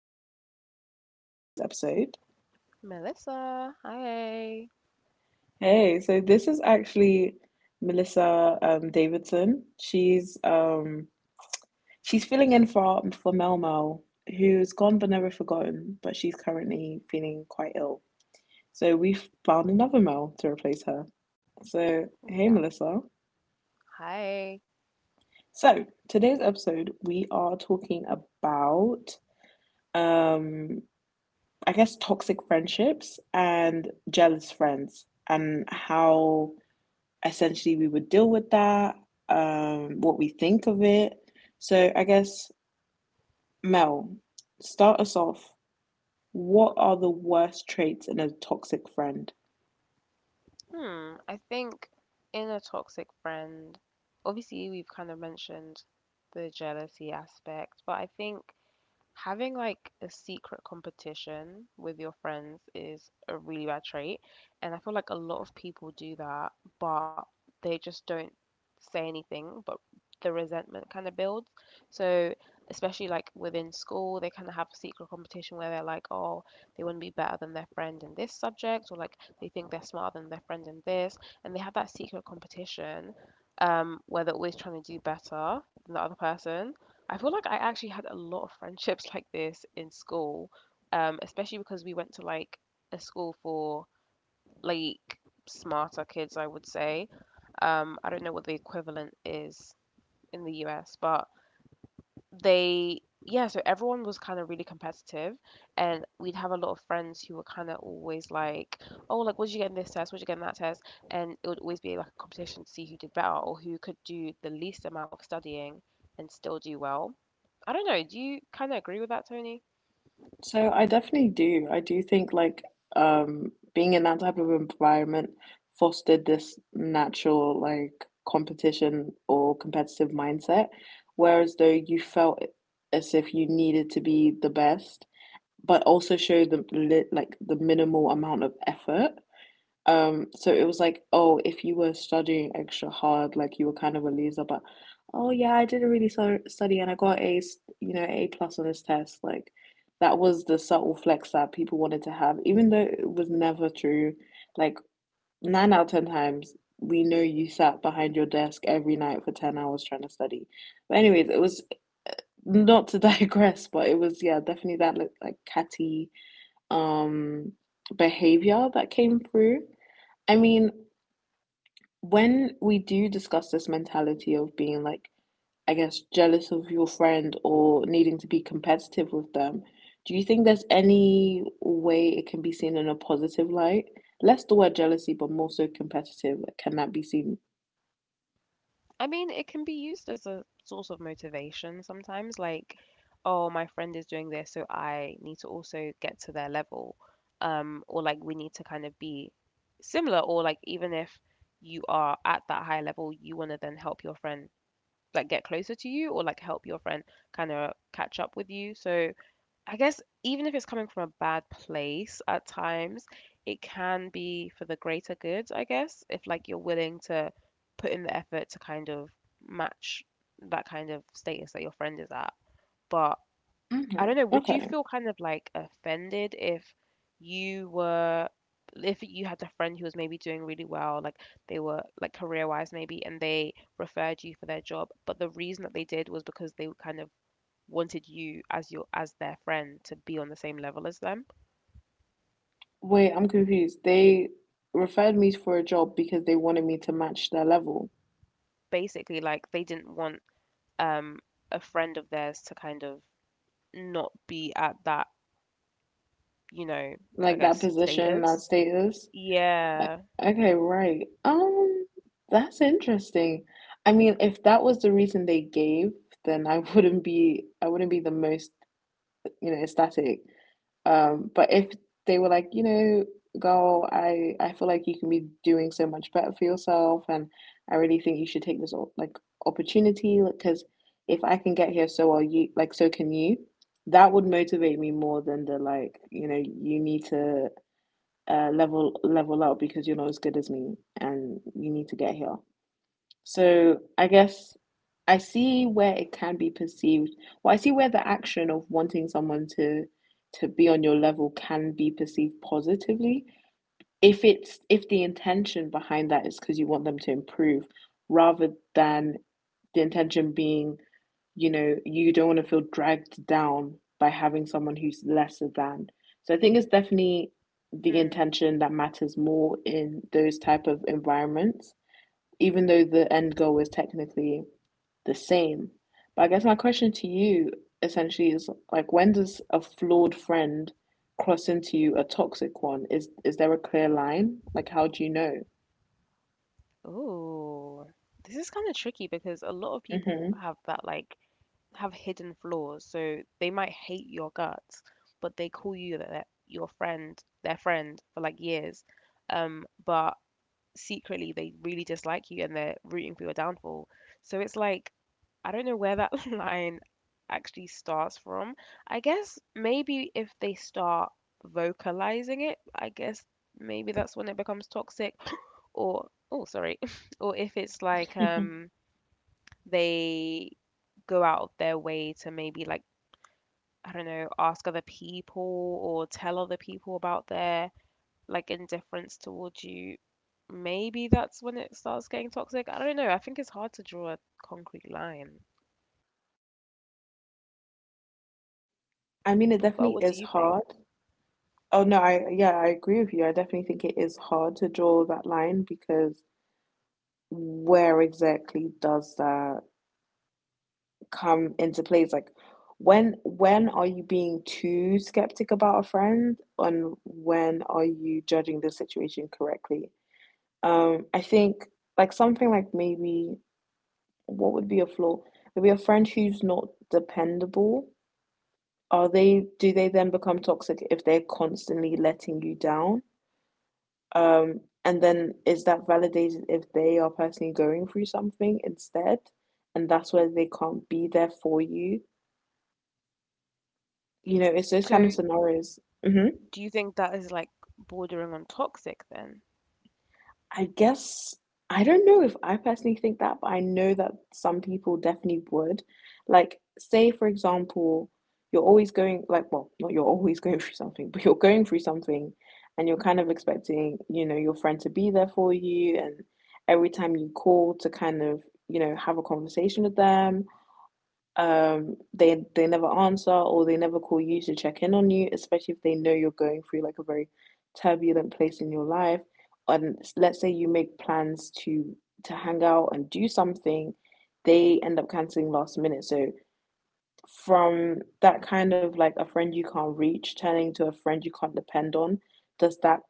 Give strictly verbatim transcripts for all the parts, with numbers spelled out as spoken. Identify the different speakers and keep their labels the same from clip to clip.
Speaker 1: by a new guest on today's episode.
Speaker 2: Melissa, hi.
Speaker 1: Hey, so this is actually Melissa um, Davidson. She's um, she's filling in for for Mel Mel, who's gone but never forgotten, but she's currently feeling quite ill. So we've found another Mel to replace her. So, hey,
Speaker 2: Yeah.
Speaker 1: Melissa.
Speaker 2: Hi.
Speaker 1: So, today's episode, we are talking about um, I guess, toxic friendships and jealous friends, and how essentially we would deal with that, um, what we think of it. So, I guess, Mel, start us off. What are the worst traits in a toxic friend?
Speaker 2: Hmm, I think in a toxic friend, obviously we've kind of mentioned the jealousy aspect, but I think having like a secret competition with your friends is a really bad trait. And I feel like a lot of people do that, but they just don't say anything, but the resentment kind of builds. So, especially like within school, they kind of have a secret competition where they're like, oh, they want to be better than their friend in this subject, or like they think they're smarter than their friend in this. And they have that secret competition um, where they're always trying to do better than the other person. I feel like I actually had a lot of friendships like this in school, um, especially because we went to like a school for like smarter kids, I would say. Um, I don't know what the equivalent is in the U S, but they yeah, so everyone was kind of really competitive, and we'd have a lot of friends who were kind of always like, oh, like what did you get in this test, what did you get in that test? And it would always be like a competition to see who did better or who could do the least amount of studying and still do well. I don't know, do you kind of agree with that, Tony?
Speaker 1: So I definitely do. I do think like um being in that type of environment fostered this natural like competition or competitive mindset, whereas though you felt as if you needed to be the best, but also show the li- like the minimal amount of effort. Um, so it was like, oh, if you were studying extra hard, like you were kind of a loser, but oh yeah, I didn't really so study and I got a, you know, A plus on this test. Like that was the subtle flex that people wanted to have, even though it was never true. Like nine out of ten times, we know you sat behind your desk every night for ten hours trying to study. But anyways, it was not to digress, but it was yeah, definitely that like, like catty um behavior that came through. I mean, when we do discuss this mentality of being like, I guess, jealous of your friend or needing to be competitive with them, do you think there's any way it can be seen in a positive light? Less the word jealousy, but more so competitive. Like, can that be seen?
Speaker 2: I mean, it can be used as a source of motivation sometimes, like, oh, my friend is doing this, so I need to also get to their level. Um, or like we need to kind of be similar, or like even if you are at that high level, you want to then help your friend like get closer to you, or like help your friend kind of catch up with you. So I guess even if it's coming from a bad place at times, it can be for the greater good, I guess, if like you're willing to put in the effort to kind of match that kind of status that your friend is at. But I
Speaker 1: Mhm.
Speaker 2: don't know, would you
Speaker 1: Okay.
Speaker 2: feel kind of like offended if you were, if you had a friend who was maybe doing really well, like they were like career wise maybe, and they referred you for their job, but the reason that they did was because they were kind of wanted you as your as their friend to be on the same level as them.
Speaker 1: Wait, I'm confused. They referred me for a job because they wanted me to match their level,
Speaker 2: Basically, like they didn't want um a friend of theirs to kind of not be at that, you know, I
Speaker 1: like
Speaker 2: guess
Speaker 1: that position,
Speaker 2: status.
Speaker 1: that status. O-
Speaker 2: Yeah.
Speaker 1: Okay, right. Um, that's interesting. I mean, if that was the reason they gave, then I wouldn't be I wouldn't be the most, you know, ecstatic. Um, but if they were like, you know, girl, I I feel like you can be doing so much better for yourself, and I really think you should take this op- like opportunity, because if I can get here, so are you, like so can you. That would motivate me more than the like, you know, you need to uh, level level up because you're not as good as me and you need to get here. So I guess I see where it can be perceived. Well, I see where the action of wanting someone to to be on your level can be perceived positively if it's if the intention behind that is because you want them to improve rather than the intention being, you know, you don't want to feel dragged down by having someone who's lesser than. So I think it's definitely the
Speaker 2: Mm.
Speaker 1: intention that matters more in those type of environments, even though the end goal is technically the same. But I guess my question to you essentially is like when does a flawed friend cross into a toxic one? Is is there a clear line? Like how do you know?
Speaker 2: Ooh. This is kind of tricky because a lot of people
Speaker 1: Hmm.
Speaker 2: have that like have hidden flaws. So they might hate your guts, but they call you their, your friend, their friend for like years. Um, but secretly they really dislike you and they're rooting for your downfall. So it's like, I don't know where that line actually starts from. I guess maybe if they start vocalizing it, I guess maybe that's when it becomes toxic, or oh, sorry, or if it's like um they go out of their way to maybe like, I don't know, ask other people or tell other people about their like indifference towards you, maybe that's when it starts getting toxic. I don't know. I think it's hard to draw a concrete line.
Speaker 1: I mean, it
Speaker 2: But
Speaker 1: definitely
Speaker 2: what do
Speaker 1: is
Speaker 2: you think?
Speaker 1: hard. Oh no, I yeah, I agree with you. I definitely think it is hard to draw that line because where exactly does that come into play? It's like when when are you being too skeptic about a friend and when are you judging the situation correctly? Um, I think like something like maybe what would be a flaw? Maybe a friend who's not dependable. Are they do they then become toxic if they're constantly letting you down? Um, and then is that validated if they are personally going through something instead? And that's where they can't be there for you. You know, it's those kind
Speaker 2: So,
Speaker 1: of scenarios. Hmm.
Speaker 2: do you think that is like bordering on toxic then?
Speaker 1: I guess I don't know if I personally think that, but I know that some people definitely would. Like, say for example, you're always going like well, not you're always going through something, but you're going through something and you're kind of expecting, you know, your friend to be there for you and every time you call to kind of, you know, have a conversation with them um, they they never answer or they never call you to check in on you, especially if they know you're going through like a very turbulent place in your life. And let's say you make plans to to hang out and do something, they end up canceling last minute. So from that kind of like a friend you can't reach turning to a friend you can't depend on, does that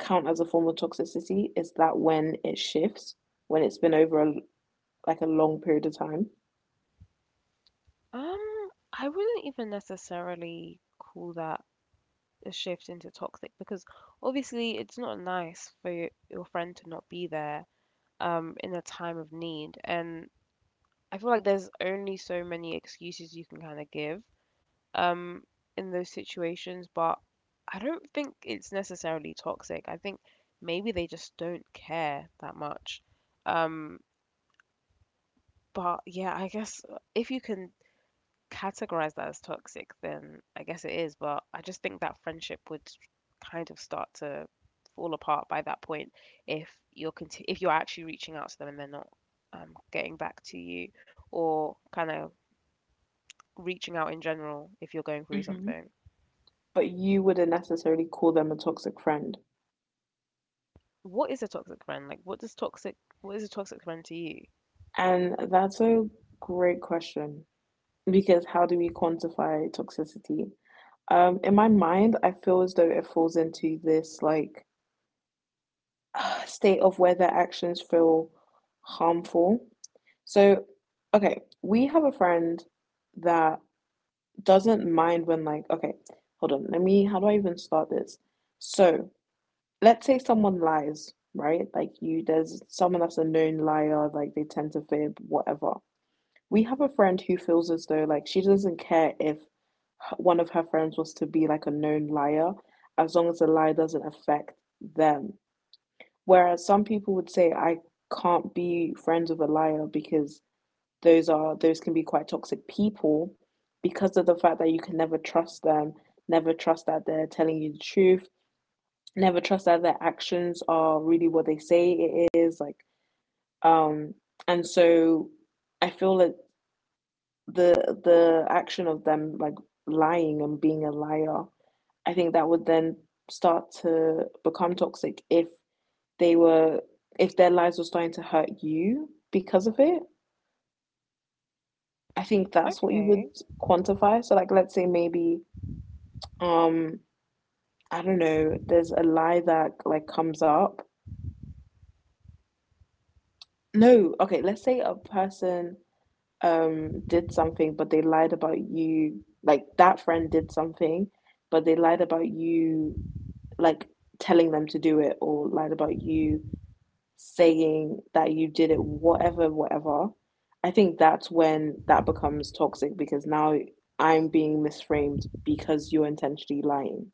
Speaker 1: count as a form of toxicity? Is that when it shifts, when it's been over a like a long period of time.
Speaker 2: Um, I wouldn't even necessarily call that a shift into toxic because obviously it's not nice for your, your friend to not be there um in a time of need, and I feel like there's only so many excuses you can kind of give um, in those situations, but I don't think it's necessarily toxic. I think maybe they just don't care that much. Um, but yeah, I guess uh, if you can categorize that as toxic, then I guess it is. But I just think that friendship would kind of start to fall apart by that point if you're conti- if you're actually reaching out to them and they're not um, getting back to you or kind of reaching out in general if you're going through
Speaker 1: Hmm.
Speaker 2: something.
Speaker 1: But you wouldn't necessarily call them a toxic friend?
Speaker 2: What is a toxic friend? Like, what does toxic, what is a toxic friend to you?
Speaker 1: And that's a great question. Because how do we quantify toxicity? Um, in my mind, I feel as though it falls into this like state of whether actions feel harmful. So, okay, we have a friend that doesn't mind when like, okay, hold on, let me, how do I even start this? So, let's say someone lies, right? Like you, there's someone that's a known liar, like they tend to fib, whatever. We have a friend who feels as though like she doesn't care if one of her friends was to be like a known liar as long as the lie doesn't affect them. Whereas some people would say, I can't be friends with a liar because those are those can be quite toxic people because of the fact that you can never trust them, never trust that they're telling you the truth, never trust that their actions are really what they say it is, like um and so I feel like the the action of them like lying and being a liar. I think that would then start to become toxic if they were if their lives were starting to hurt you because of it. I think that's what you would
Speaker 2: Okay.
Speaker 1: quantify. So like let's say maybe um I don't know, there's a lie that like comes up. No, okay, let's say a person um did something but they lied about you like that friend did something but they lied about you like telling them to do it or lied about you saying that you did it, whatever, whatever, I think that's when that becomes toxic because now I'm being misframed because you're intentionally lying.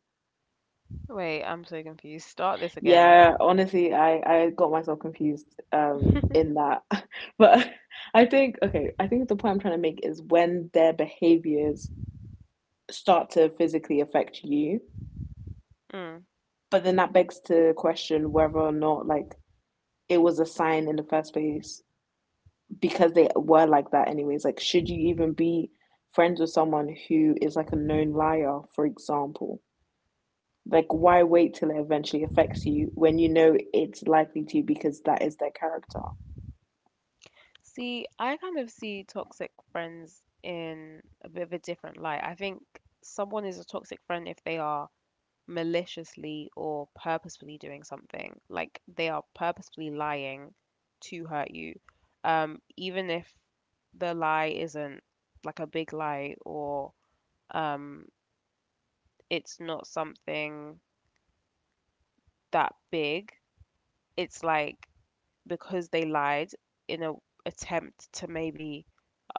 Speaker 2: Wait, I'm so confused. Start this again.
Speaker 1: Yeah, honestly, I, I got myself confused um in that. But I think okay, I think the point I'm trying to make is when their behaviors start to physically affect you,
Speaker 2: Mm.
Speaker 1: but then that begs to question whether or not like it was a sign in the first place because they were like that anyways. Like, should you even be friends with someone who is like a known liar, for example? Like, why wait till it eventually affects you when you know it's likely to, because that is their character.
Speaker 2: See, I kind of see toxic friends in a bit of a different light. I think someone is a toxic friend if they are maliciously or purposefully doing something. Like they are purposefully lying to hurt you. Um, even if the lie isn't like a big lie or um, it's not something that big. It's like because they lied in a attempt to maybe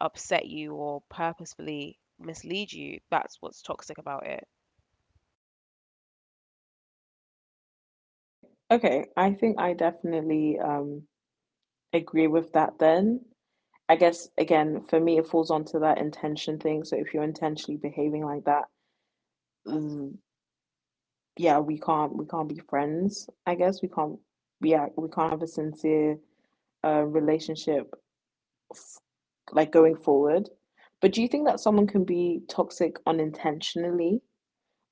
Speaker 2: upset you or purposefully mislead you. That's what's toxic about it.
Speaker 1: Okay, I think I definitely um agree with that then. I guess again for me it falls onto that intention thing. So if you're intentionally behaving like that, yeah, we can't we can't be friends. I guess we can't yeah we can't have a sincere uh, relationship f- like going forward. But do you think that someone can be toxic unintentionally,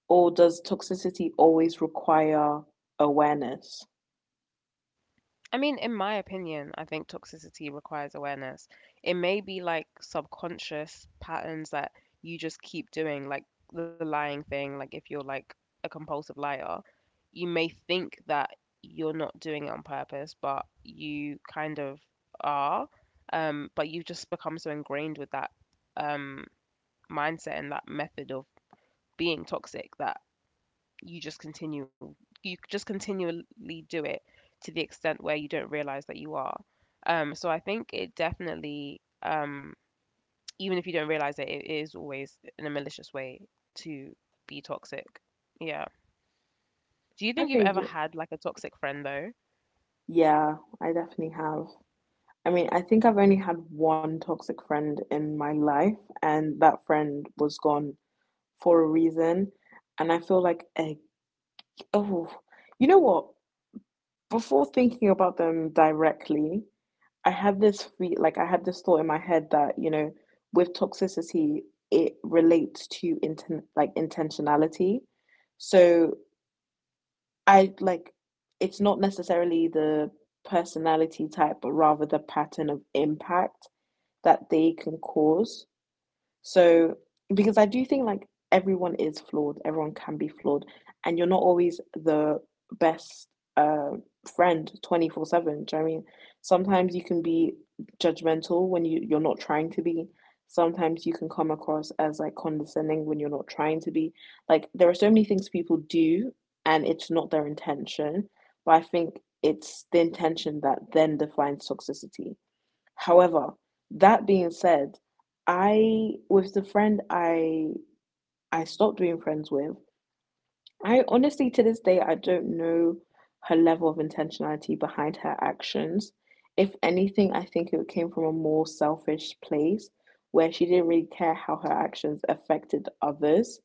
Speaker 1: or does toxicity always require awareness?
Speaker 2: I mean, in my opinion, I think toxicity requires awareness. It may be like subconscious patterns that you just keep doing, like the lying thing, like if you're like a compulsive liar, you may think that you're not doing it on purpose, but you kind of are. Um, but you've just become so ingrained with that um, mindset and that method of being toxic that you just continue, you just continually do it to the extent where you don't realize that you are. Um, so I think it definitely, um, even if you don't realize it, it is always in a malicious way to be toxic. Yeah. Do you think you've
Speaker 1: Okay,
Speaker 2: ever
Speaker 1: yeah.
Speaker 2: had like a toxic friend though?
Speaker 1: Yeah, I definitely have. I mean, I think I've only had one toxic friend in my life, and that friend was gone for a reason. And I feel like, eh, oh, you know what? Before thinking about them directly, I had this fe like I had this thought in my head that, you know, with toxicity, it relates to inten like intentionality. So I like it's not necessarily the personality type, but rather the pattern of impact that they can cause. So, because I do think like everyone is flawed, everyone can be flawed, and you're not always the best uh, friend twenty-four seven. Do you know what I mean? Sometimes you can be judgmental when you, you're not trying to be. Sometimes you can come across as like condescending when you're not trying to be. Like, there are so many things people do, and it's not their intention, but I think it's the intention that then defines toxicity. However, that being said, I with the friend I I stopped being friends with, I honestly to this day I don't know her level of intentionality behind her actions. If anything, I think it came from a more selfish place where she didn't really care how her actions affected others,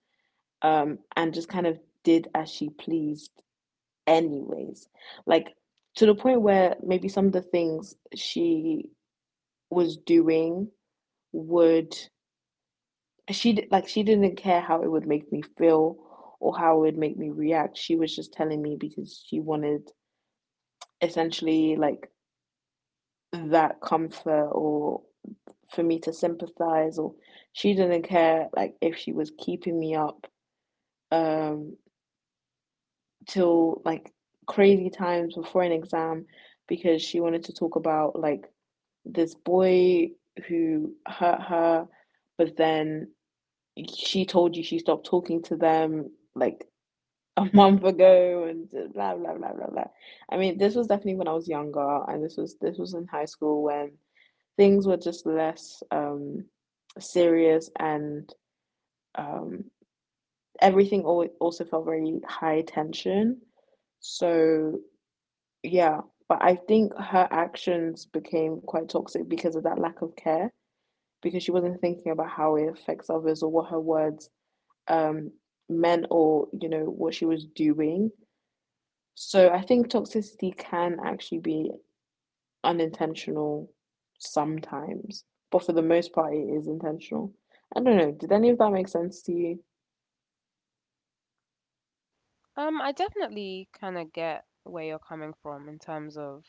Speaker 1: um, and just kind of did as she pleased anyways. Like to the point where maybe some of the things she was doing would she like she didn't care how it would make me feel or how it would make me react. She was just telling me because she wanted essentially like that comfort or for me to sympathize, or she didn't care like if she was keeping me up um till like crazy times before an exam because she wanted to talk about like this boy who hurt her, but then she told you she stopped talking to them like a month ago and blah blah blah blah blah. I mean, this was definitely when I was younger, and this was this was in high school when things were just less um, serious and um, everything always also felt very high tension. So yeah, but I think her actions became quite toxic because of that lack of care because she wasn't thinking about how it affects others or what her words um, meant, or you know what she was doing. So I think toxicity can actually be unintentional sometimes, but for the most part, it is intentional. I don't know. Did any of that make sense to you?
Speaker 2: Um, I definitely kind of get where you're coming from in terms of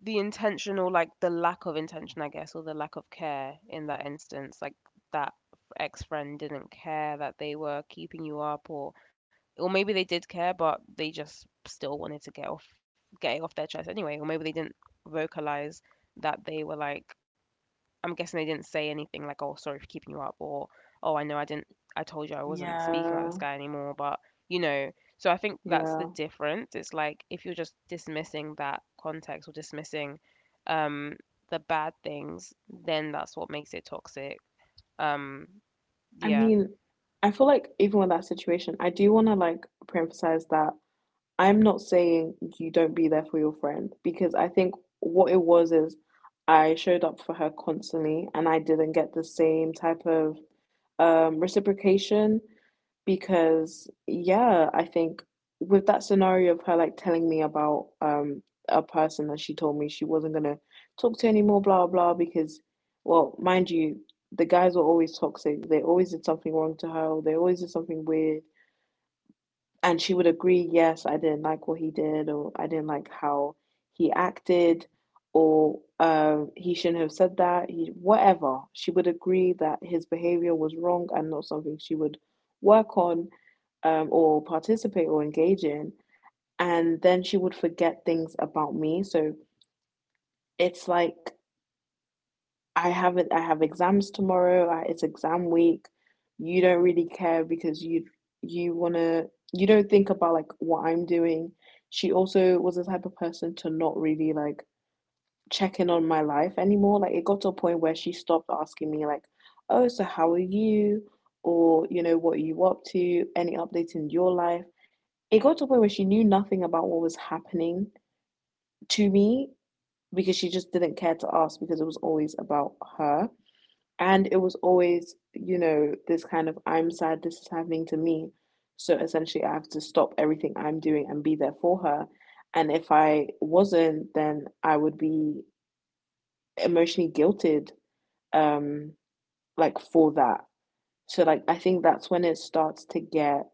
Speaker 2: the intentional, like the lack of intention, I guess, or the lack of care in that instance. Like that ex friend didn't care that they were keeping you up, or or maybe they did care, but they just still wanted to get off, get it off their chest anyway. Or maybe they didn't vocalize that they were like, I'm guessing they didn't say anything like, "Oh, sorry for keeping you up," or "Oh, I know I didn't. I told you I wasn't speaking about
Speaker 1: Yeah,
Speaker 2: this guy anymore." But you know, so I think that's the
Speaker 1: yeah.
Speaker 2: difference. It's like if you're just dismissing that context or dismissing um, the bad things, then that's what makes it toxic. Um,
Speaker 1: I
Speaker 2: yeah.
Speaker 1: mean, I feel like even with that situation, I do want to like preemphasize that I'm not saying you don't be there for your friend, because I think what it was is I showed up for her constantly and I didn't get the same type of um, reciprocation because, yeah, I think with that scenario of her like telling me about um, a person that she told me she wasn't going to talk to anymore, blah, blah, because, well, mind you, the guys were always toxic. They always did something wrong to her, or they always did something weird, and she would agree, yes, I didn't like what he did, or I didn't like how he acted, or um, he shouldn't have said that, he, whatever. She would agree that his behavior was wrong and not something she would work on, um, or participate or engage in. And then she would forget things about me. So it's like I have it, I have exams tomorrow. I, it's exam week. You don't really care because you you wanna, you don't think about like what I'm doing. She also was the type of person to not really like check in on my life anymore. Like it got to a point where she stopped asking me like, "Oh, so how are you?" or you know, "What are you up to? Any updates in your life?" It got to a point where she knew nothing about what was happening to me because she just didn't care to ask because it was always about her. And it was always, you know, this kind of I'm sad, this is happening to me. So essentially, I have to stop everything I'm doing and be there for her. And if I wasn't, then I would be emotionally guilted, um, like for that. So like I think that's when it starts to get,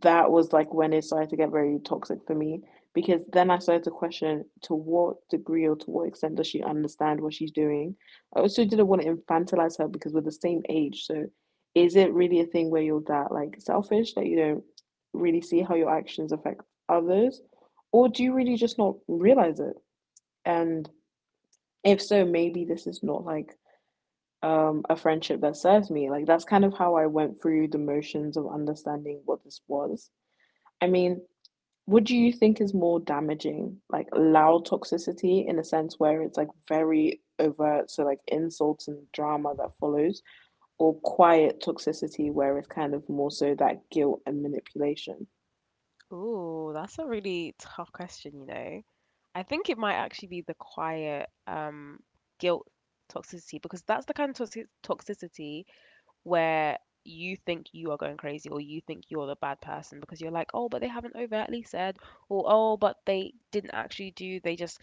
Speaker 1: that was like when it started to get very toxic for me, because then I started to question to what degree or to what extent does she understand what she's doing. I also didn't want to infantilize her because we're the same age. So is it really a thing where you're that like selfish that you don't really see how your actions affect others? Or do you really just not realize it? And if so, maybe this is not like um, a friendship that serves me. Like that's kind of how I went through the motions of understanding what this was. I mean, what do you think is more damaging? Like loud toxicity in a sense where it's like very overt, so like insults and drama that follows, or quiet toxicity where it's kind of more so that guilt and manipulation?
Speaker 2: Ooh, that's a really tough question, you know. I think it might actually be the quiet um, guilt toxicity because that's the kind of toxic toxicity where you think you are going crazy or you think you're the bad person because you're like, oh, but they haven't overtly said, or oh, but they didn't actually do, they just,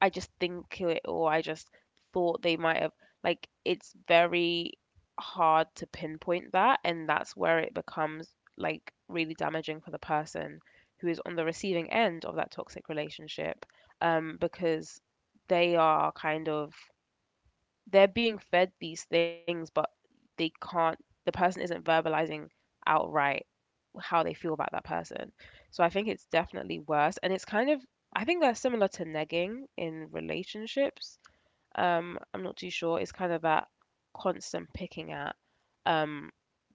Speaker 2: I just think it, or I just thought they might have. Like, it's very hard to pinpoint that, and that's where it becomes like really damaging for the person who is on the receiving end of that toxic relationship, um, because they are kind of they're being fed these things, but they can't, the person isn't verbalizing outright how they feel about that person. So I think it's definitely worse. And it's kind of, I think they're similar to negging in relationships. Um, I'm not too sure. It's kind of that constant picking at. Um,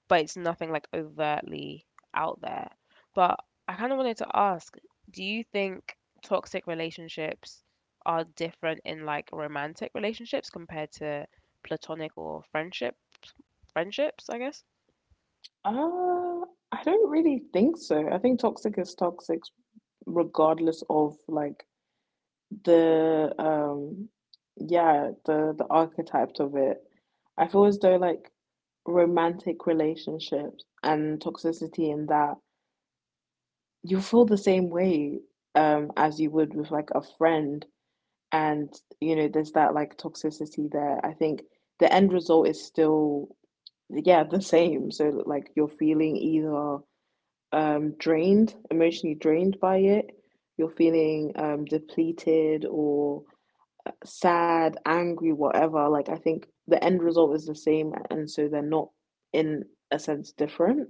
Speaker 2: but it's nothing like overtly out there. But I kind of wanted to ask, do you think toxic relationships are different in like romantic relationships compared to platonic or friendship friendships, I guess?
Speaker 1: Uh, I don't really think so. I think toxic is toxic regardless of like the um yeah, the the archetypes of it. I feel as though like romantic relationships and toxicity in that you feel the same way um as you would with like a friend, and you know there's that like toxicity there. I think the end result is still, yeah, the same. So like you're feeling either um drained, emotionally drained by it, you're feeling um depleted, or uh, sad, angry, whatever. Like I think the end result is the same, and so they're not in a sense different.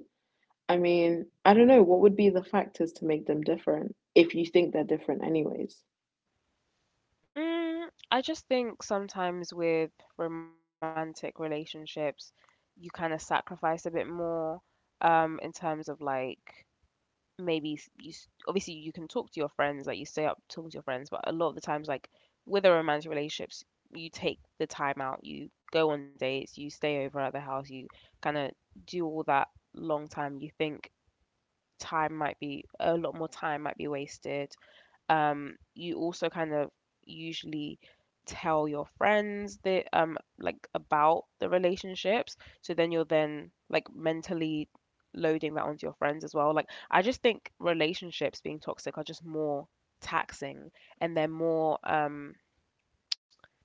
Speaker 1: I mean, I don't know what would be the factors to make them different if you think they're different anyways.
Speaker 2: Mm, I just think sometimes with romantic relationships, you kind of sacrifice a bit more um in terms of like maybe s- you s- obviously you can talk to your friends like you stay up talking to your friends, but a lot of the times like with a romantic relationships you take the time out, you go on dates, you stay over at the house, you kind of do all that long time, you think time might be a lot more, time might be wasted. Um, you also kind of usually tell your friends that um like about the relationships. So then you're then like mentally loading that onto your friends as well. Like I just think relationships being toxic are just more taxing, and they're more um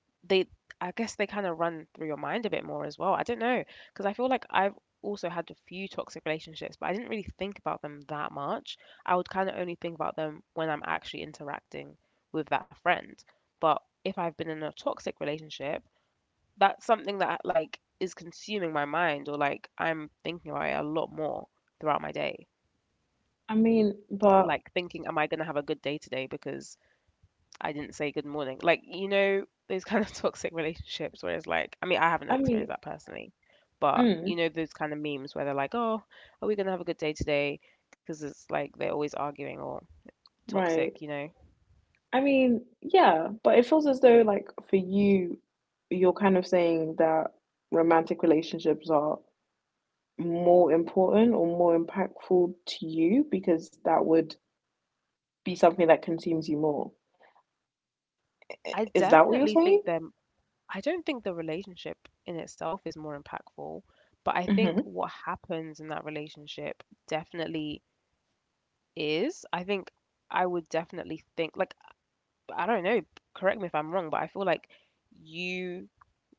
Speaker 2: they I guess they kind of run through your mind a bit more as well. I don't know, because I feel like I've also had a few toxic relationships, but I didn't really think about them that much. I would kind of only think about them when I'm actually interacting with that friend. But if I've been in a toxic relationship, that's something that like is consuming my mind, or like I'm thinking about it a lot more throughout my day.
Speaker 1: I mean, but
Speaker 2: Like thinking, am I going to have a good day today because I didn't say good morning. Like, you know, those kind of toxic relationships where it's like, I mean, I haven't
Speaker 1: I mean,
Speaker 2: experienced that personally, but you
Speaker 1: mm,
Speaker 2: know, those kind of memes where they're like, oh, are we going to have a good day today? Because it's like they're always arguing or toxic,
Speaker 1: right.
Speaker 2: you know.
Speaker 1: I mean, yeah, but it feels as though like for you, you're kind of saying that romantic relationships are more important or more impactful to you because that would be something that consumes you more.
Speaker 2: I
Speaker 1: Is that what you're
Speaker 2: definitely
Speaker 1: saying?
Speaker 2: think them, I don't think the relationship in itself is more impactful, but I think
Speaker 1: Hmm.
Speaker 2: what happens in that relationship definitely is. I think I would definitely think, like, I don't know, correct me if I'm wrong, but I feel like you,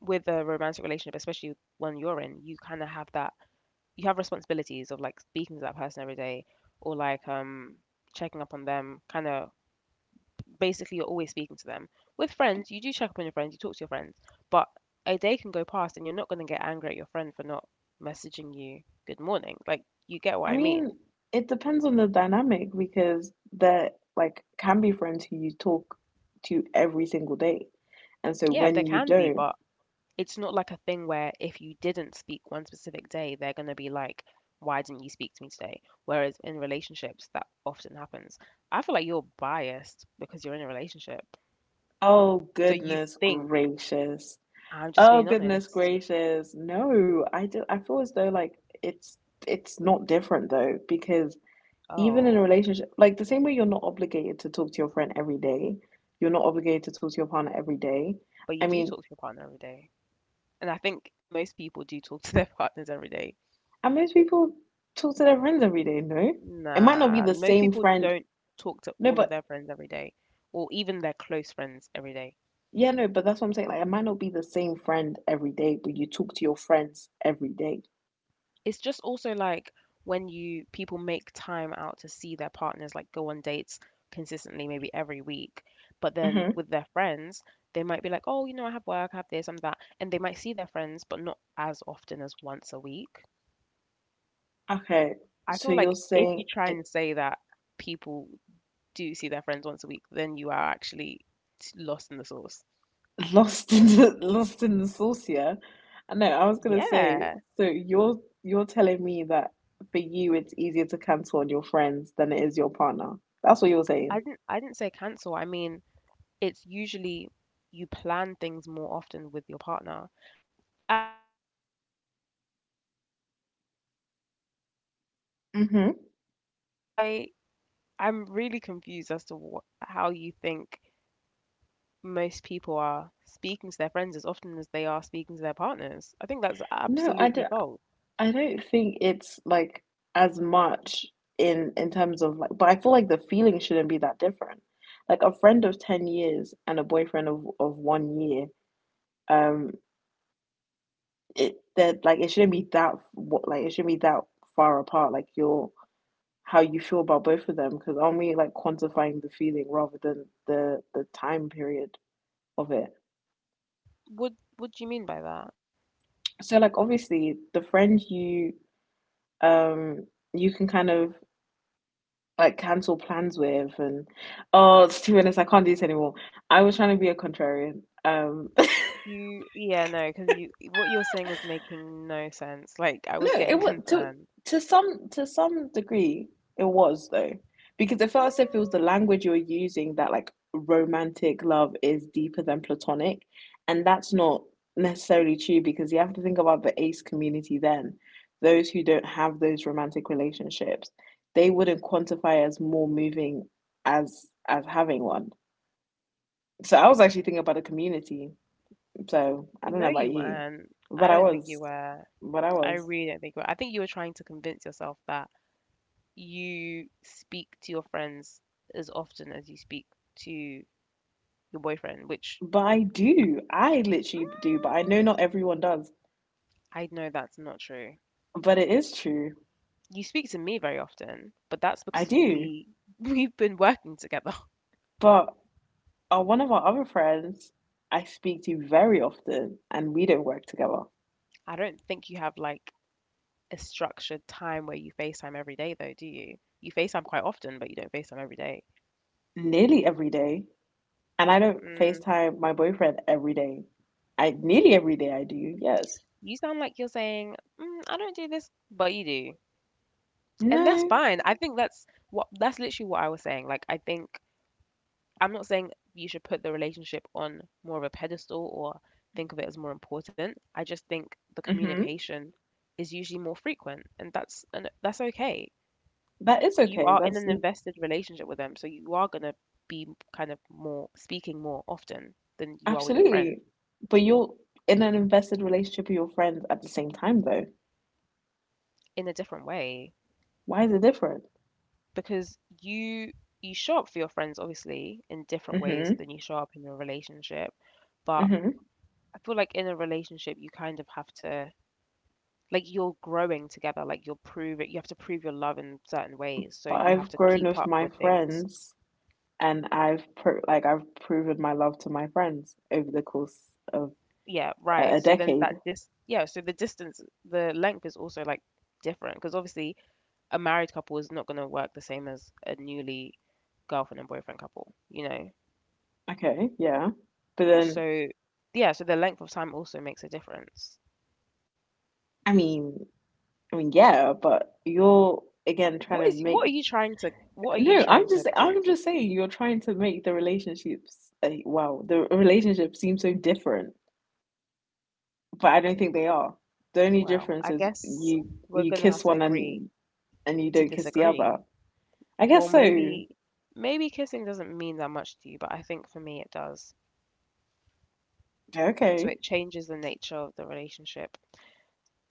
Speaker 2: with a romantic relationship, especially one you're in, you kind of have that, you have responsibilities of like speaking to that person every day or like um checking up on them, kind of basically you're always speaking to them. With friends, you do check up on your friends, you talk to your friends, but a day can go past and you're not going to get angry at your friend for not messaging you good morning. Like, you get what
Speaker 1: I
Speaker 2: I mean?
Speaker 1: mean, it depends on the dynamic because there like can be friends who you talk to every single day. And so
Speaker 2: Yeah, there
Speaker 1: when you
Speaker 2: can be,
Speaker 1: don't,
Speaker 2: but it's not like a thing where if you didn't speak one specific day, they're going to be like, why didn't you speak to me today? Whereas in relationships, that often happens. I feel like you're biased because you're in a relationship.
Speaker 1: oh
Speaker 2: So you
Speaker 1: goodness
Speaker 2: think,
Speaker 1: gracious.
Speaker 2: I'm just
Speaker 1: Oh
Speaker 2: being
Speaker 1: goodness
Speaker 2: honest.
Speaker 1: gracious. No, I do, I feel as though like it's it's not different though because even in a
Speaker 2: Oh,
Speaker 1: relationship, like the same way you're not obligated to talk to your friend every day, you're not obligated to talk to your partner every day.
Speaker 2: but
Speaker 1: I
Speaker 2: you do
Speaker 1: mean,
Speaker 2: talk to your partner every day. And I think most people do talk to their partners every day.
Speaker 1: and most people talk to their friends every day, no? It might not be
Speaker 2: Nah,
Speaker 1: the
Speaker 2: most
Speaker 1: same
Speaker 2: people
Speaker 1: friend.
Speaker 2: don't talk to
Speaker 1: No,
Speaker 2: all of
Speaker 1: but
Speaker 2: their friends every day or even their close friends every day.
Speaker 1: yeah, no, but that's what I'm saying. Like it might not be the same friend every day, but you talk to your friends every day.
Speaker 2: It's just also like when you people make time out to see their partners, like go on dates consistently maybe every week, but then
Speaker 1: Mm-hmm.
Speaker 2: with their friends they might be like, oh, you know, I have work, I have this, I'm that, and they might see their friends but not as often as once a week.
Speaker 1: Okay,
Speaker 2: I
Speaker 1: so
Speaker 2: feel
Speaker 1: you're
Speaker 2: like if you
Speaker 1: saying
Speaker 2: try
Speaker 1: it,
Speaker 2: and say that people do see their friends once a week, then you are actually t- lost in the sauce.
Speaker 1: lost in the lost in the sauce, yeah? I know, I was gonna say,
Speaker 2: Yeah,
Speaker 1: so you're you're telling me that for you it's easier to cancel on your friends than it is your partner. That's what you're
Speaker 2: i
Speaker 1: saying.
Speaker 2: didn't i didn't say cancel, I mean, it's usually you plan things more often with your partner. Am I not making sense here?
Speaker 1: Hmm.
Speaker 2: Because I I'm really confused as to what, how you think most people are speaking to their friends as often as they are speaking to their partners. I think that's
Speaker 1: No, I
Speaker 2: absolutely
Speaker 1: don't,
Speaker 2: false.
Speaker 1: I don't think it's like as much in in terms of like, but I feel like the feeling shouldn't be that different. Like a friend of ten years and a boyfriend of of one year. Um. It that like it shouldn't be that, what, like it shouldn't be that far apart like your how you feel about both of them, because aren't we like quantifying the feeling rather than the the time period of it?
Speaker 2: What what do you mean by that?
Speaker 1: So like obviously the friend you um you can kind of like cancel plans with, and oh it's two minutes I can't do this anymore. I was trying to be a contrarian um
Speaker 2: You Yeah, no, because you what you're saying was making no sense. Like I
Speaker 1: No,
Speaker 2: was
Speaker 1: it
Speaker 2: getting
Speaker 1: was to
Speaker 2: concerned.
Speaker 1: to some, to some degree it was though, because it felt as if it was
Speaker 2: Mm,
Speaker 1: the language you were using that like romantic love is deeper than platonic, and that's not necessarily true because you have to think about the ace community then. Those who don't have those romantic relationships, they wouldn't quantify as more moving as as having one. So I was actually thinking about a community. So I don't know
Speaker 2: No,
Speaker 1: about
Speaker 2: you
Speaker 1: you,
Speaker 2: weren't. I
Speaker 1: but I
Speaker 2: don't think you
Speaker 1: was,
Speaker 2: were.
Speaker 1: but I
Speaker 2: I
Speaker 1: was.
Speaker 2: really don't think you were. I think you were trying to convince yourself that you speak to your friends as often as you speak to your boyfriend, which
Speaker 1: But I do. I literally
Speaker 2: mm,
Speaker 1: do, but I know not everyone does.
Speaker 2: I know that's not true.
Speaker 1: But it is true.
Speaker 2: You speak to me very often, but that's
Speaker 1: I
Speaker 2: because
Speaker 1: do.
Speaker 2: we we've been working together.
Speaker 1: But uh, one of our other friends I speak to very often, and we don't work together
Speaker 2: I don't think you have like a structured time where you FaceTime every day though, do you? You FaceTime quite often, but you don't FaceTime every day.
Speaker 1: nearly every day. And I don't
Speaker 2: Mm,
Speaker 1: FaceTime my boyfriend every day. I nearly every day I do, yes.
Speaker 2: you sound like you're saying, mm, I don't do this, but you do. And that's
Speaker 1: No.
Speaker 2: fine. I think that's what That's literally what I was saying. Like I think I'm not saying you should put the relationship on more of a pedestal or think of it as more important. I just think the
Speaker 1: Mm-hmm.
Speaker 2: communication is usually more frequent, and that's and that's okay.
Speaker 1: That is
Speaker 2: You
Speaker 1: okay.
Speaker 2: are in
Speaker 1: That's
Speaker 2: an
Speaker 1: n-,
Speaker 2: invested relationship with them, so you are gonna be kind of more speaking more often than you are with your friend,
Speaker 1: absolutely. But you're in an invested relationship with your friends at the same time, though.
Speaker 2: in a different way,
Speaker 1: Why is it different?
Speaker 2: because you you show up for your friends obviously in different ways
Speaker 1: Mm-hmm.
Speaker 2: than you show up in a relationship, but
Speaker 1: Mm-hmm.
Speaker 2: I feel like in a relationship you kind of have to, like you're growing together, like you're proving you have to prove your love in certain ways, so
Speaker 1: But
Speaker 2: you have
Speaker 1: I've
Speaker 2: to
Speaker 1: grown
Speaker 2: keep
Speaker 1: with
Speaker 2: up
Speaker 1: my
Speaker 2: with things.
Speaker 1: friends, and I've pro- like I've proven my love to my friends over the course of
Speaker 2: Yeah right
Speaker 1: a
Speaker 2: so then that
Speaker 1: decade.
Speaker 2: dis yeah, so the distance, the length, is also like different because obviously a married couple is not going to work the same as a newly girlfriend and boyfriend couple, you know,
Speaker 1: Okay, yeah. But then
Speaker 2: so yeah, so the length of time also makes a difference.
Speaker 1: I mean, I mean yeah, but you're again
Speaker 2: What
Speaker 1: trying
Speaker 2: is
Speaker 1: to
Speaker 2: what are
Speaker 1: make,
Speaker 2: you trying to, what are you
Speaker 1: no,
Speaker 2: trying
Speaker 1: I'm
Speaker 2: to
Speaker 1: just,
Speaker 2: prove?
Speaker 1: I'm just saying you're trying to make the relationships like wow, the relationships seem so different, but I don't think they are. The only
Speaker 2: Well,
Speaker 1: difference
Speaker 2: I
Speaker 1: is
Speaker 2: guess
Speaker 1: you,
Speaker 2: we're
Speaker 1: you
Speaker 2: going to have
Speaker 1: kiss
Speaker 2: to
Speaker 1: one
Speaker 2: agree
Speaker 1: and and you
Speaker 2: to
Speaker 1: don't kiss the other.
Speaker 2: disagree.
Speaker 1: I
Speaker 2: Well,
Speaker 1: guess so.
Speaker 2: maybe maybe kissing doesn't mean that much to you, but I think for me it does. So
Speaker 1: Okay.
Speaker 2: it changes the nature of the relationship.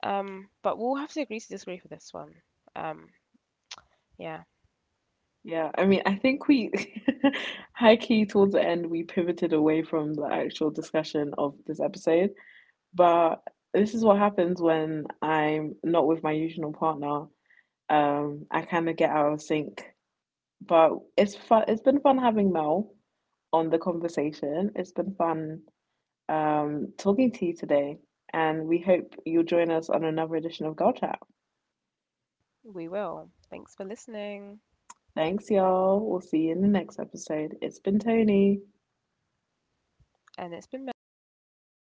Speaker 2: Um, but we'll have to agree to disagree for this one. Um, yeah,
Speaker 1: Yeah, I mean, I think we high key towards the end we pivoted away from the actual discussion of this episode, but this is what happens when I'm not with my usual partner. Um, I kind of get out of sync, but it's fun. It's been fun having Mel on the conversation. It's been fun um, talking to you today, and we hope you'll join us on another edition of Girl Chat.
Speaker 2: we will. Thanks for listening.
Speaker 1: Thanks, y'all. We'll see you in the next episode. It's been Tony.
Speaker 2: And it's been Mel. Bye.